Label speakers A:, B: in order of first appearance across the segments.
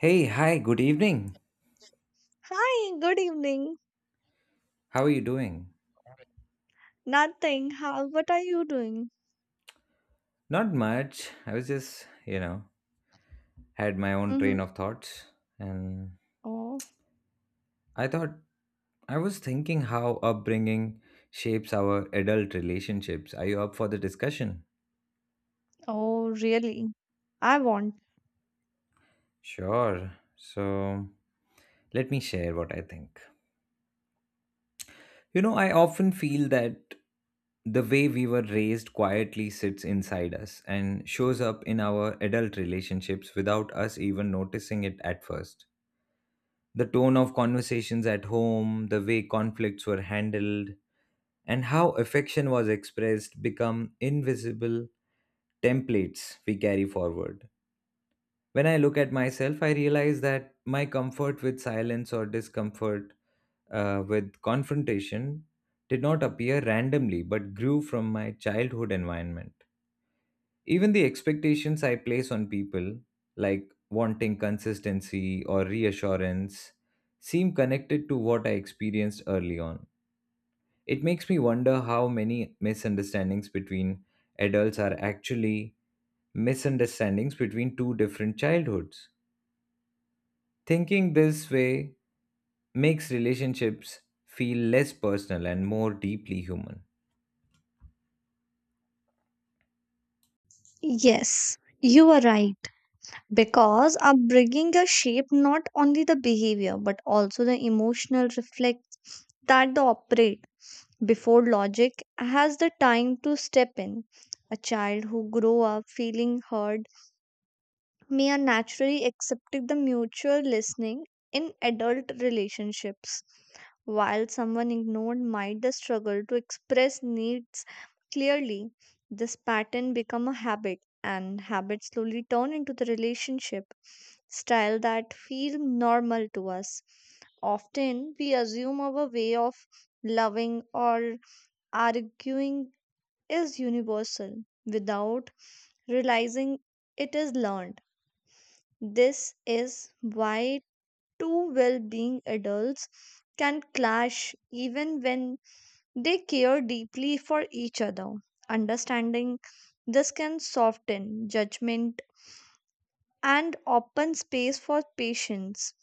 A: Hey, hi, good evening.
B: Hi, good evening.
A: How are you doing?
B: Nothing. How, what are you doing?
A: Not much. I was just, had my own
B: Mm-hmm.
A: train of thoughts. And
B: Oh,
A: I thought, I was thinking how upbringing shapes our adult relationships. Are you up for the discussion?
B: oh, really? I want.
A: Sure. So, let me share what I think. I often feel that the way we were raised quietly sits inside us and shows up in our adult relationships without us even noticing it at first. The tone of conversations at home, the way conflicts were handled, and how affection was expressed become invisible templates we carry forward. When I look at myself, I realize that my comfort with silence or discomfort with confrontation did not appear randomly but grew from my childhood environment. Even the expectations I place on people, like wanting consistency or reassurance, seem connected to what I experienced early on. It makes me wonder how many misunderstandings between adults are actually misunderstandings between two different childhoods. Thinking this way makes relationships feel less personal and more deeply human.
B: Yes, you are right. Because upbringing a shape not only the behavior but also the emotional reflex that the operate before logic has the time to step in. A child who grow up feeling hurt may are naturally accepting the mutual listening in adult relationships. While someone ignored might the struggle to express needs clearly, this pattern become a habit and habits slowly turn into the relationship style that feel normal to us. Often we assume our way of loving or arguing is universal without realizing it is learned. This is why two well being adults can clash even when they care deeply for each other. Understanding this can soften judgment and open space for patience.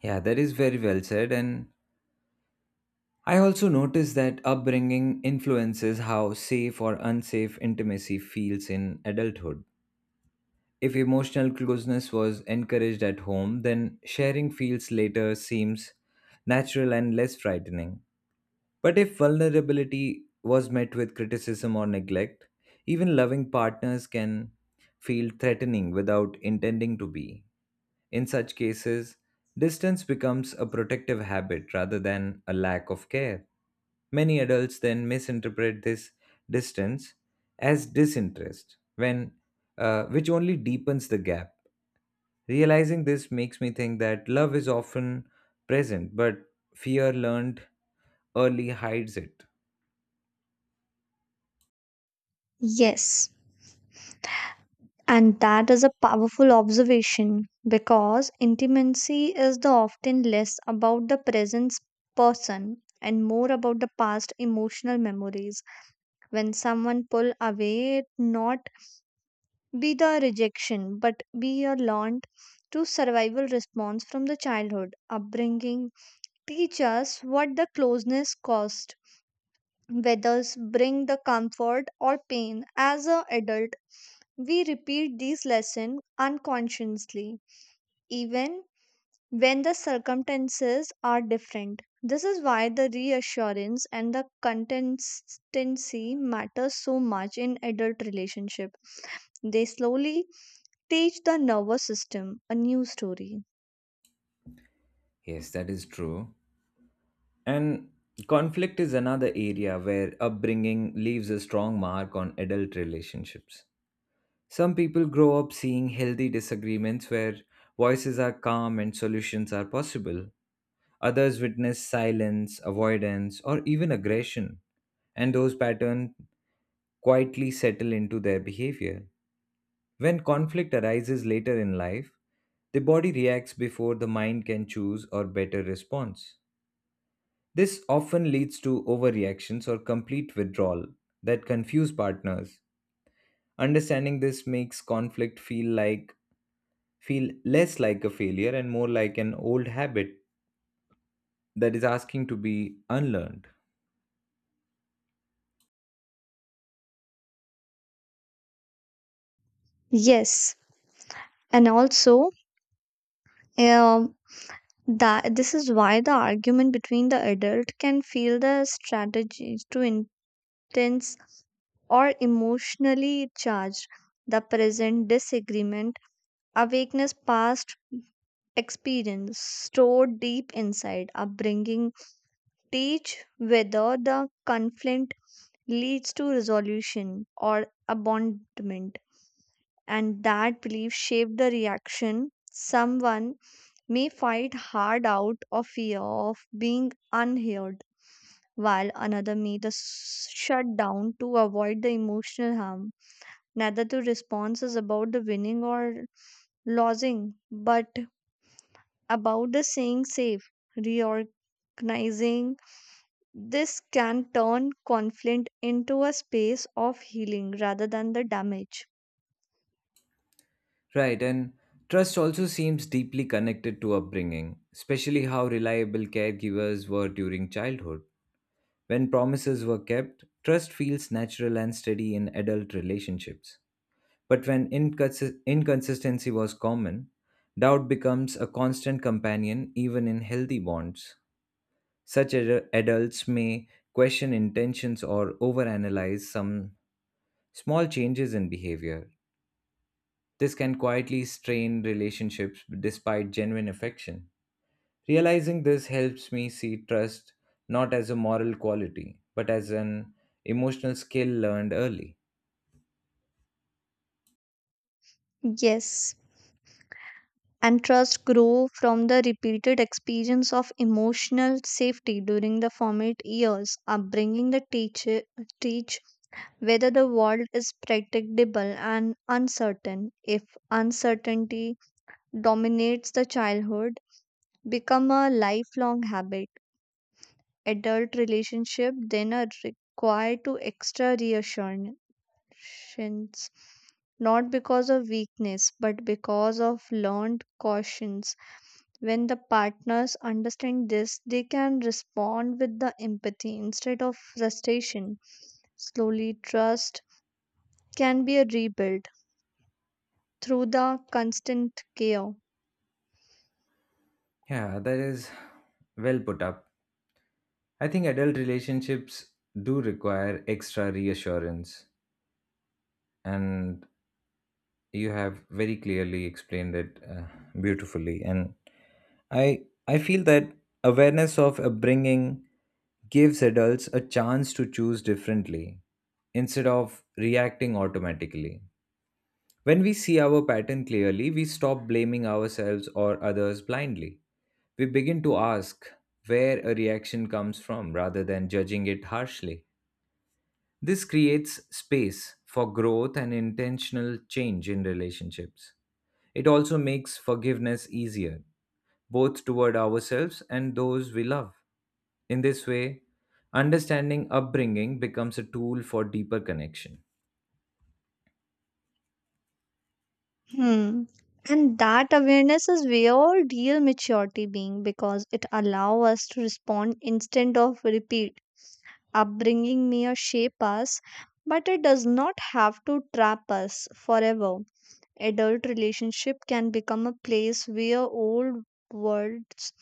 A: Yeah, that is very well said. And I also notice that upbringing influences how safe or unsafe intimacy feels in adulthood. If emotional closeness was encouraged at home, then sharing feels later seems natural and less frightening. But if vulnerability was met with criticism or neglect, even loving partners can feel threatening without intending to be. In such cases, distance becomes a protective habit rather than a lack of care. Many adults then misinterpret this distance as disinterest, which only deepens the gap. Realizing this makes me think that love is often present, but fear learned early hides it.
B: Yes, and that is a powerful observation because intimacy is the often less about the present person and more about the past emotional memories when someone pull away it not be the rejection but be a learned to survival response from the childhood upbringing teach us what the closeness cost whether bring the comfort or pain as a adult we repeat these lessons unconsciously even when the circumstances are different this is why the reassurance and the consistency matters so much in adult relationship. They slowly teach the nervous system a new story.
A: Yes, that is true. And conflict is another area where upbringing leaves a strong mark on adult relationships. Some people grow up seeing healthy disagreements where voices are calm and solutions are possible. Others witness silence, avoidance, or even aggression, and those patterns quietly settle into their behavior. When conflict arises later in life, the body reacts before the mind can choose or better response. This often leads to overreactions or complete withdrawal that confuse partners. Understanding this makes conflict feel less like a failure and more like an old habit that is asking to be unlearned.
B: Yes, and also um, that this is why the argument between the adult can feel the strategies too intense or emotionally charged. The present disagreement, awakeness, past experience stored deep inside upbringing teach whether the conflict leads to resolution or abandonment. And that belief shaped the reaction. Someone may fight hard out of fear of being unheard, while another may just shut down to avoid the emotional harm. Neither two response is about the winning or losing, but about the staying safe, reorganizing. This can turn conflict into a space of healing rather than the damage.
A: Right, and trust also seems deeply connected to upbringing, especially how reliable caregivers were during childhood. When promises were kept, trust feels natural and steady in adult relationships. But when inconsistency was common, doubt becomes a constant companion even in healthy bonds. Such adults may question intentions or overanalyze some small changes in behavior. This can quietly strain relationships despite genuine affection. Realizing this helps me see trust not as a moral quality, but as an emotional skill learned early.
B: Yes, and trust grow from the repeated experience of emotional safety during the formative years upbringing the teacher teach whether the world is predictable and uncertain if uncertainty dominates the childhood become a lifelong habit adult relationship then are required to extra reassurance not because of weakness but because of learned cautions when the partners understand this, they can respond with the empathy instead of frustration. Slowly, trust can be rebuilt through the constant care.
A: Yeah, that is well put up. I think adult relationships do require extra reassurance and you have very clearly explained it beautifully, and i I feel that awareness of upbringing gives adults a chance to choose differently instead of reacting automatically. When we see our pattern clearly, we stop blaming ourselves or others blindly. We begin to ask where a reaction comes from rather than judging it harshly. This creates space for growth and intentional change in relationships. It also makes forgiveness easier, both toward ourselves and those we love. In this way, understanding upbringing becomes a tool for deeper connection.
B: Hmm. And that awareness is where real maturity being because it allows us to respond instead of repeat. Upbringing may shape us, but it does not have to trap us forever. Adult relationship can become a place where old words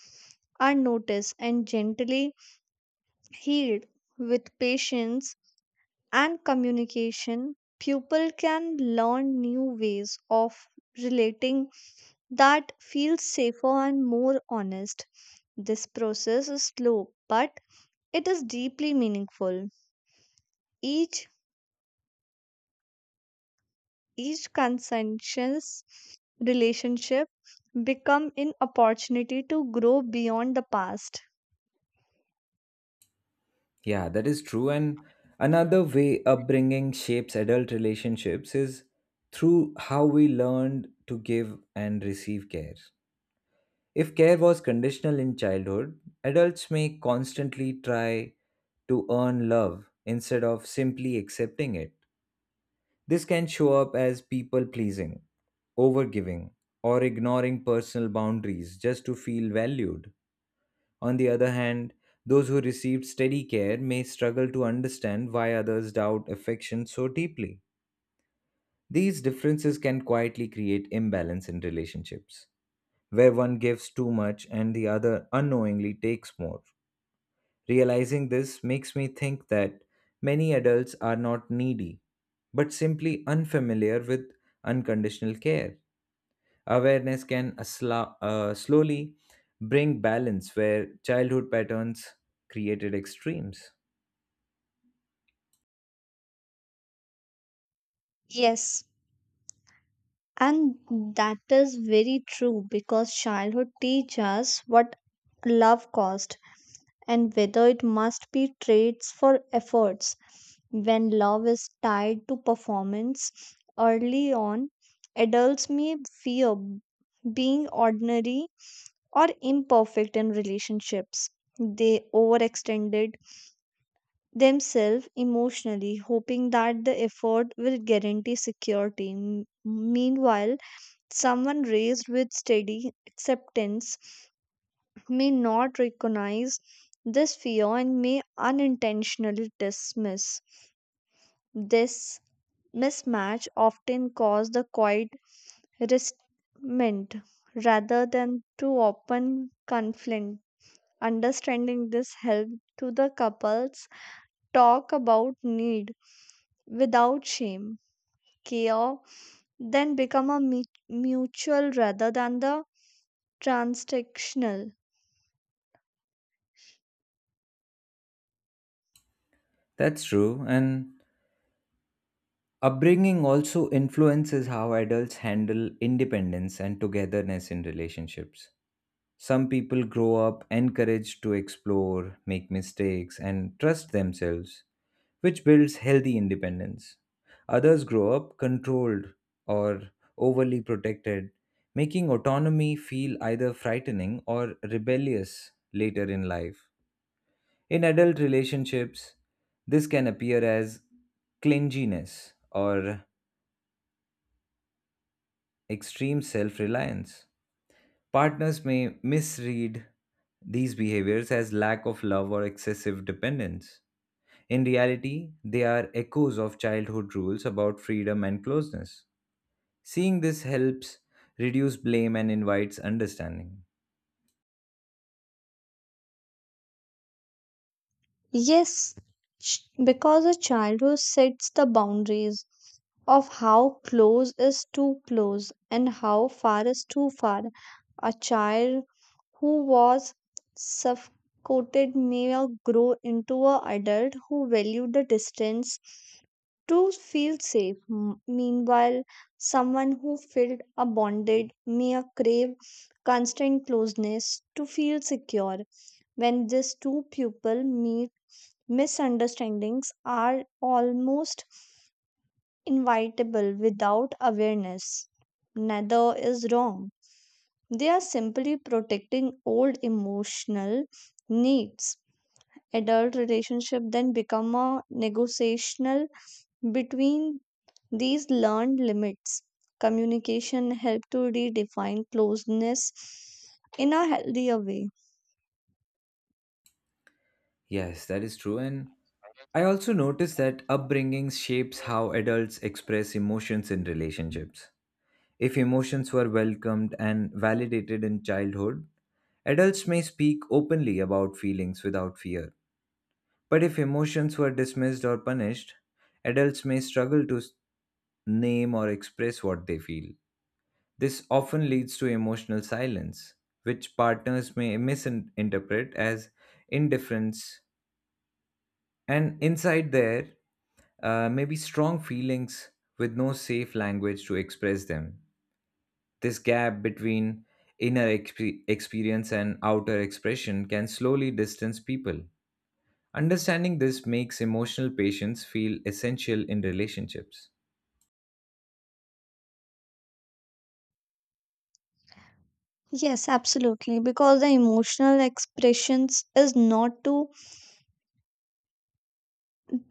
B: are noticed and gently healed with patience and communication people can learn new ways of relating that feel safer and more honest this process is slow but it is deeply meaningful each each conscientious relationship become an opportunity to grow beyond the past.
A: Yeah, that is true. And another way upbringing shapes adult relationships is through how we learned to give and receive care. If care was conditional in childhood, adults may constantly try to earn love instead of simply accepting it. This can show up as people pleasing, overgiving, or ignoring personal boundaries just to feel valued. On the other hand, those who received steady care may struggle to understand why others doubt affection so deeply. These differences can quietly create imbalance in relationships, where one gives too much and the other unknowingly takes more. Realizing this makes me think that many adults are not needy, but simply unfamiliar with unconditional care. Awareness can slowly bring balance where childhood patterns created extremes.
B: Yes, and that is very true because childhood teaches us what love cost and whether it must be trades for efforts. When love is tied to performance early on, adults may fear being ordinary or imperfect in relationships. They overextended themselves emotionally, hoping that the effort will guarantee security. Meanwhile, someone raised with steady acceptance may not recognize this fear and may unintentionally dismiss this mismatch often cause the quiet resentment rather than to open conflict. Understanding this helped to the couples talk about need without shame. Care then become a mutual rather than the transactional.
A: That's true, and upbringing also influences how adults handle independence and togetherness in relationships. Some people grow up encouraged to explore, make mistakes, and trust themselves, which builds healthy independence. Others grow up controlled or overly protected, making autonomy feel either frightening or rebellious later in life. In adult relationships, this can appear as clinginess or extreme self reliance. Partners may misread these behaviors as lack of love or excessive dependence. In reality, they are echoes of childhood rules about freedom and closeness. Seeing this helps reduce blame and invites understanding.
B: Yes, because a child who sets the boundaries of how close is too close and how far is too far. A child who was suffocated may now grow into an adult who valued the distance to feel safe. Meanwhile, someone who felt abandoned may a crave constant closeness to feel secure. When these two people meet, misunderstandings are almost inevitable without awareness. Neither is wrong. They are simply protecting old emotional needs. Adult relationship then become a negotiational between these learned limits. Communication help to redefine closeness in a healthier way.
A: Yes, that is true. And I also notice that upbringing shapes how adults express emotions in relationships. If emotions were welcomed and validated in childhood, adults may speak openly about feelings without fear. But if emotions were dismissed or punished, adults may struggle to name or express what they feel. This often leads to emotional silence, which partners may misinterpret as indifference. And inside there may be strong feelings with no safe language to express them. This gap between experience and outer expression can slowly distance people. Understanding this makes emotional patience feel essential in relationships.
B: Yes, absolutely. Because the emotional expressions is not to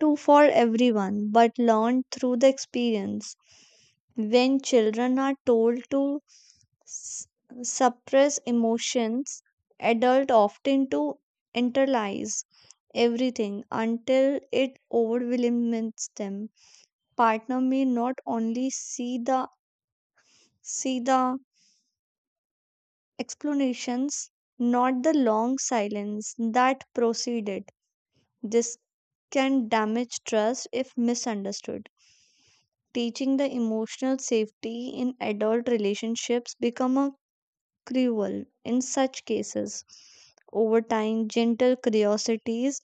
B: to for everyone, but learned through the experience. When children are told to s- suppress emotions, adults often to internalize everything until it overwhelms them. Partner may not only see the explanations, not the long silence that proceeded. This can damage trust if misunderstood. Teaching the emotional safety in adult relationships become a cruel in such cases over time gentle curiosities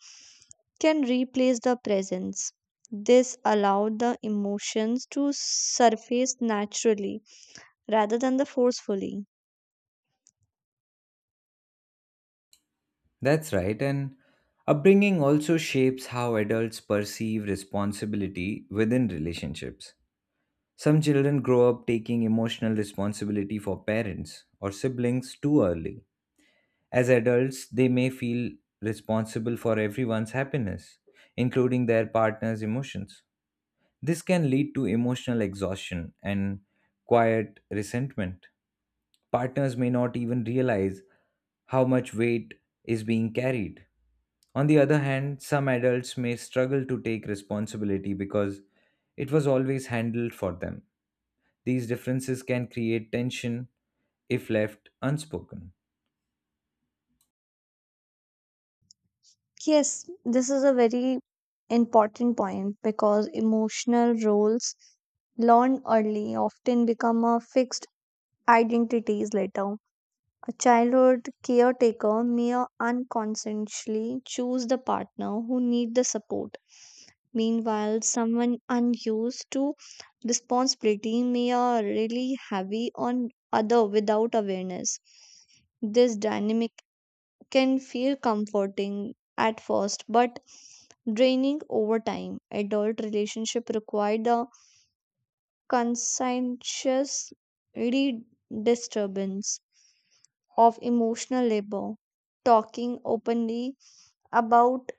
B: can replace the presence this allowed the emotions to surface naturally rather than the forcefully.
A: That's right, and upbringing also shapes how adults perceive responsibility within relationships. Some children grow up taking emotional responsibility for parents or siblings too early. As adults, they may feel responsible for everyone's happiness, including their partner's emotions. This can lead to emotional exhaustion and quiet resentment. Partners may not even realize how much weight is being carried. On the other hand, some adults may struggle to take responsibility because it was always handled for them. These differences can create tension if left unspoken.
B: Yes, this is a very important point because emotional roles learned early often become a fixed identities later. A childhood caretaker may unconsciously choose the partner who need the support. Meanwhile, someone unused to responsibility may are really heavy on other without awareness. This dynamic can feel comforting at first but draining over time. Adult relationship require the conscientious re- disturbance of emotional labor. Talking openly about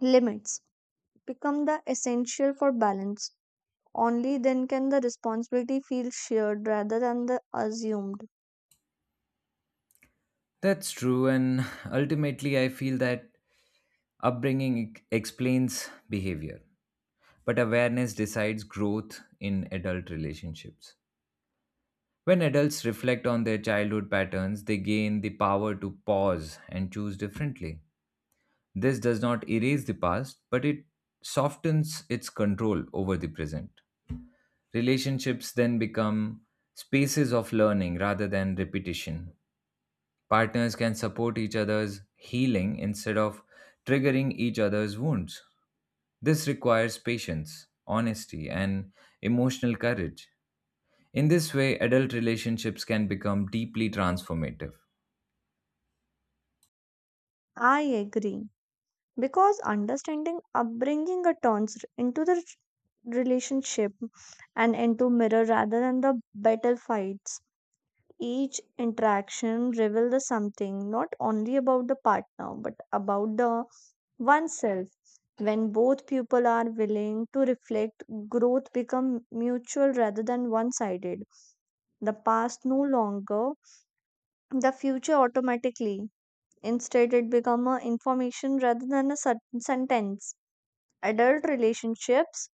B: limits become the essential for balance. Only then can the responsibility feel shared rather than the assumed.
A: That's true, and ultimately, I feel that upbringing explains behavior, but awareness decides growth in adult relationships. When adults reflect on their childhood patterns, they gain the power to pause and choose differently. This does not erase the past, but it softens its control over the present. Relationships then become spaces of learning rather than repetition. Partners can support each other's healing instead of triggering each other's wounds. This requires patience, honesty, and emotional courage. In this way, adult relationships can become deeply transformative.
B: I agree because understanding upbringing turns into the relationship and into mirror rather than the battle fights each interaction reveals something not only about the partner but about the oneself. When both people are willing to reflect, growth becomes mutual rather than one sided. The past no longer the future automatically. Instead, it becomes a information rather than a certain sentence. Adult relationships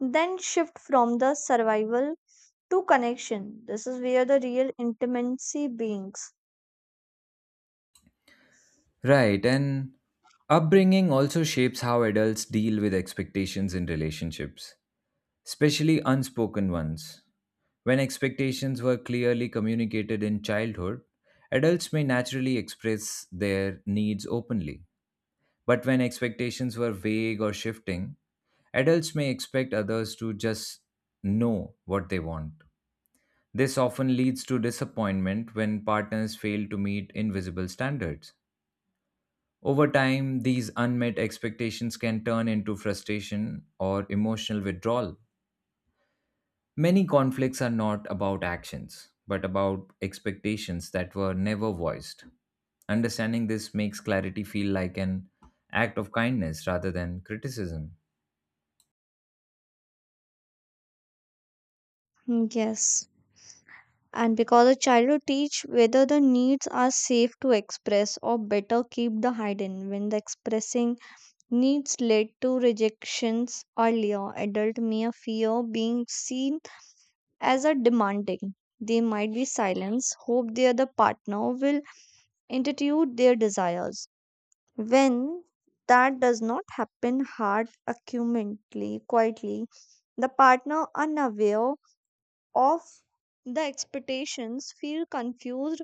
B: then shift from the survival to connection. This is where the real intimacy begins.
A: Right, and upbringing also shapes how adults deal with expectations in relationships, especially unspoken ones. When expectations were clearly communicated in childhood, adults may naturally express their needs openly. But when expectations were vague or shifting, adults may expect others to just know what they want. This often leads to disappointment when partners fail to meet invisible standards. Over time, these unmet expectations can turn into frustration or emotional withdrawal. Many conflicts are not about actions, but about expectations that were never voiced. Understanding this makes clarity feel like an act of kindness rather than criticism.
B: Yes, and because a child will teach whether the needs are safe to express or better keep the hidden when the expressing needs led to rejections earlier adult may fear being seen as a demanding they might be silenced hope their the partner will institute their desires when that does not happen hard accurately quietly the partner unaware of the expectations feel confused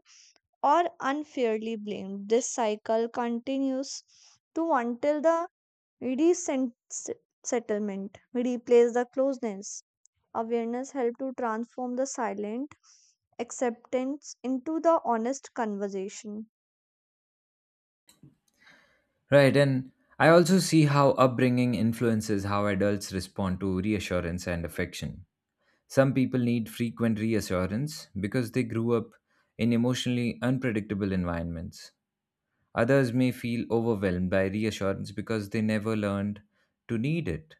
B: or unfairly blamed. This cycle continues to until the recent settlement replace the closeness. Awareness help to transform the silent acceptance into the honest conversation.
A: Right, and I also see how upbringing influences how adults respond to reassurance and affection. Some people need frequent reassurance because they grew up in emotionally unpredictable environments. Others may feel overwhelmed by reassurance because they never learned to need it.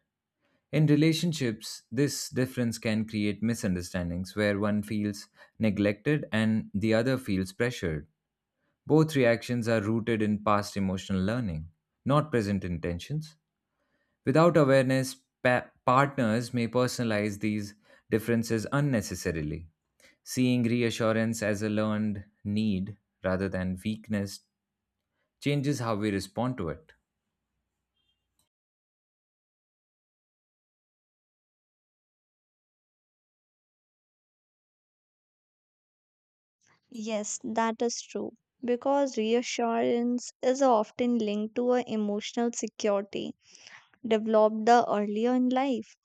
A: In relationships, this difference can create misunderstandings where one feels neglected and the other feels pressured. Both reactions are rooted in past emotional learning, not present intentions. Without awareness, partners may personalize these differences unnecessarily. Seeing reassurance as a learned need rather than weakness changes how we respond to it.
B: Yes, that is true. Because reassurance is often linked to a emotional security developed the earlier in life.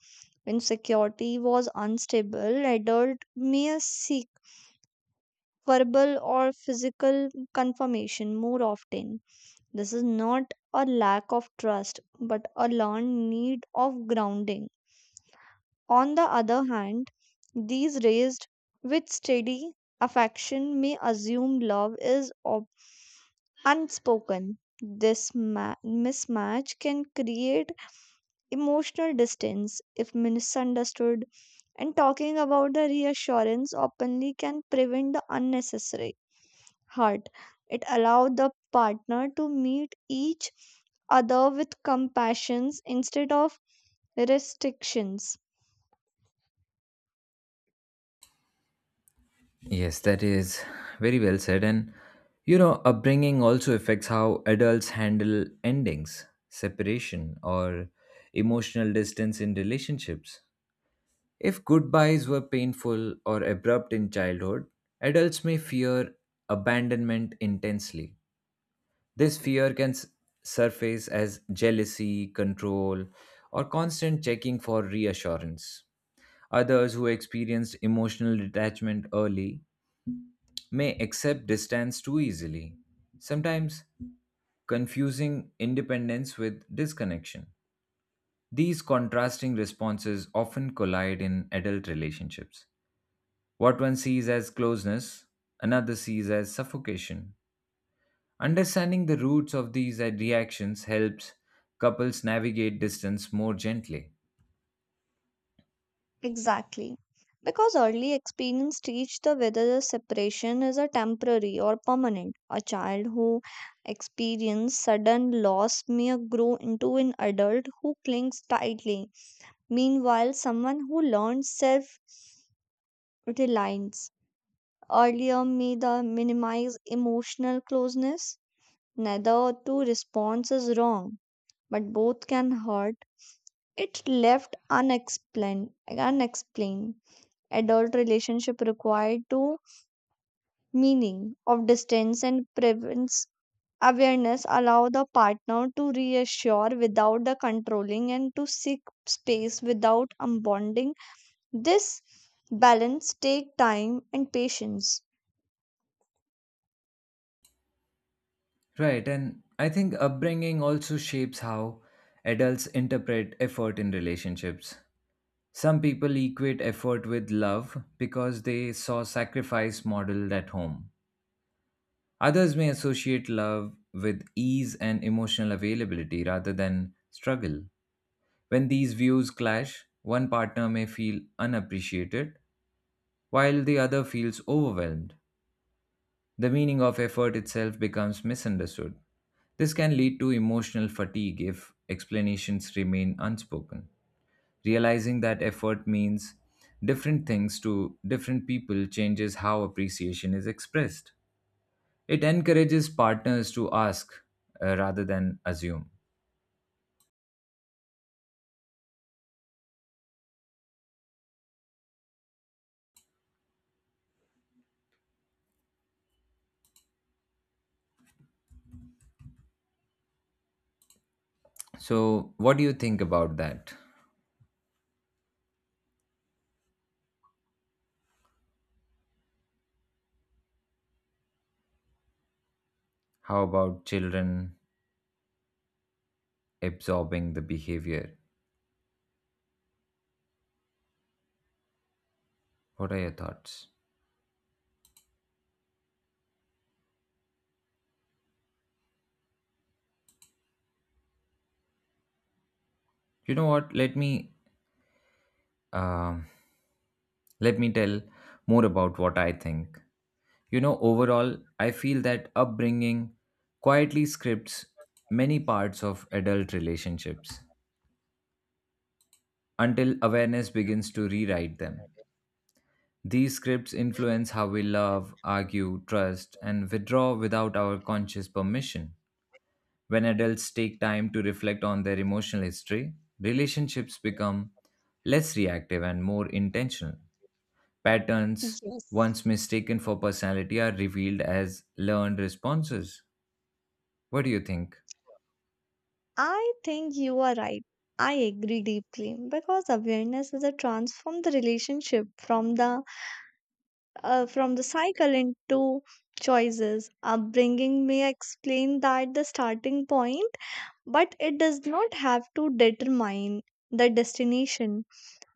B: When security was unstable, adult may seek verbal or physical confirmation more often. This is not a lack of trust, but a learned need of grounding. On the other hand, these raised with steady affection may assume love is unspoken. This mismatch can create emotional distance if misunderstood, and talking about the reassurance openly can prevent the unnecessary heart. It allowed the partner to meet each other with compassions instead of restrictions.
A: Yes, that is very well said. And upbringing also affects how adults handle endings, separation, or emotional distance in relationships. If goodbyes were painful or abrupt in childhood, adults may fear abandonment intensely. This fear can surface as jealousy, control, or constant checking for reassurance. Others who experienced emotional detachment early may accept distance too easily, sometimes confusing independence with disconnection. These contrasting responses often collide in adult relationships. What one sees as closeness, another sees as suffocation. Understanding the roots of these reactions helps couples navigate distance more gently.
B: Exactly. Because early experience teach the whether the separation is a temporary or permanent. A child who experiences sudden loss may grow into an adult who clings tightly. Meanwhile, someone who learns self reliance earlier may the minimize emotional closeness. Neither two response is wrong, but both can hurt. It left unexplained. Adult relationship required to meaning of distance and prevents awareness allow the partner to reassure without the controlling and to seek space without unbonding. This balance take time and patience.
A: Right, and I think upbringing also shapes how adults interpret effort in relationships. Some people equate effort with love because they saw sacrifice modeled at home. Others may associate love with ease and emotional availability rather than struggle. When these views clash, one partner may feel unappreciated while the other feels overwhelmed. The meaning of effort itself becomes misunderstood. This can lead to emotional fatigue if explanations remain unspoken. Realizing that effort means different things to different people changes how appreciation is expressed. It encourages partners to ask rather than assume. So, what do you think about that? How about children absorbing the behavior? What are your thoughts? You know what? Um let me tell more about what I think. Overall, I feel that upbringing quietly scripts many parts of adult relationships until awareness begins to rewrite them. These scripts influence how we love, argue, trust, and withdraw without our conscious permission. When adults take time to reflect on their emotional history, relationships become less reactive and more intentional. Patterns,
B: Yes.
A: once mistaken for personality, are revealed as learned responses. What do you think?
B: I think you are right. I agree deeply because awareness is a transform the relationship from the cycle into choices. Upbringing may explain that the starting point, but it does not have to determine the destination.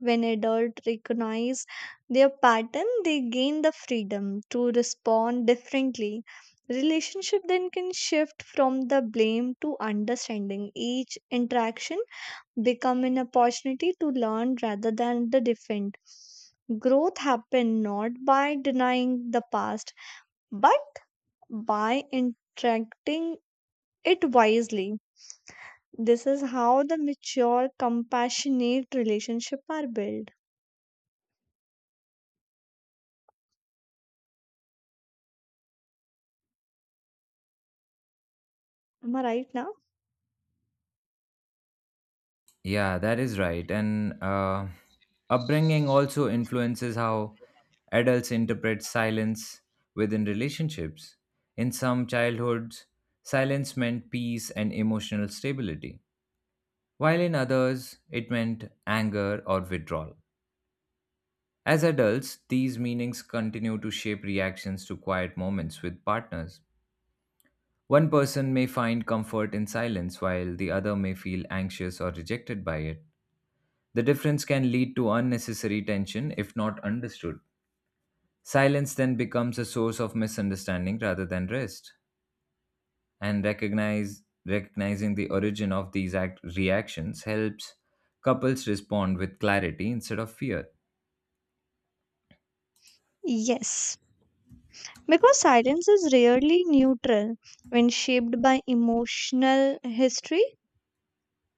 B: When adults recognize their pattern, they gain the freedom to respond differently. Relationship then can shift from the blame to understanding each interaction become an opportunity to learn rather than the defend. Growth happens not by denying the past, but by interacting it wisely. This is how the mature, compassionate relationship are built. Am I right now?
A: Yeah, that is right. And upbringing also influences how adults interpret silence within relationships. In some childhoods, silence meant peace and emotional stability, while in others, it meant anger or withdrawal. As adults, these meanings continue to shape reactions to quiet moments with partners. One person may find comfort in silence, while the other may feel anxious or rejected by it. The difference can lead to unnecessary tension if not understood. Silence then becomes a source of misunderstanding rather than rest. And recognizing the origin of these reactions helps couples respond with clarity instead of fear.
B: Yes. Because silence is rarely neutral when shaped by emotional history.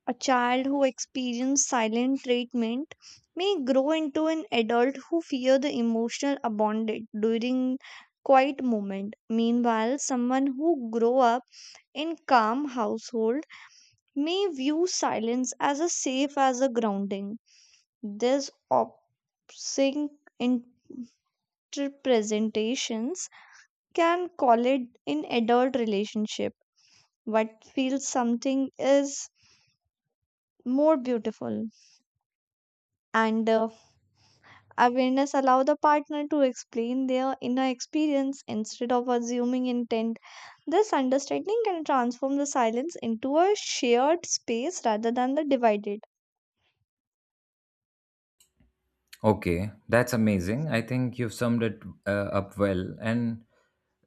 B: A child who experiences silent treatment may grow into an adult who fears the emotional abandonment during quiet moment. Meanwhile, someone who grow up in calm household may view silence as a safe as a grounding. This opposing interpretations can collide in adult relationship. What feels something is more beautiful and awareness allows the partner to explain their inner experience instead of assuming intent. This understanding can transform the silence into a shared space rather than the divided.
A: Okay, that's amazing. I think you've summed it up well. And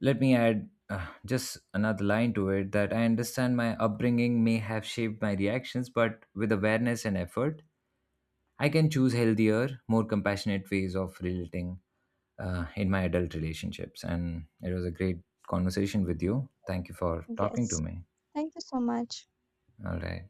A: let me add just another line to it that I understand my upbringing may have shaped my reactions, but with awareness and effort, I can choose healthier, more compassionate ways of relating in my adult relationships. And it was a great conversation with you. Thank you for talking to
B: Yes.
A: me.
B: Thank you so much.
A: All right.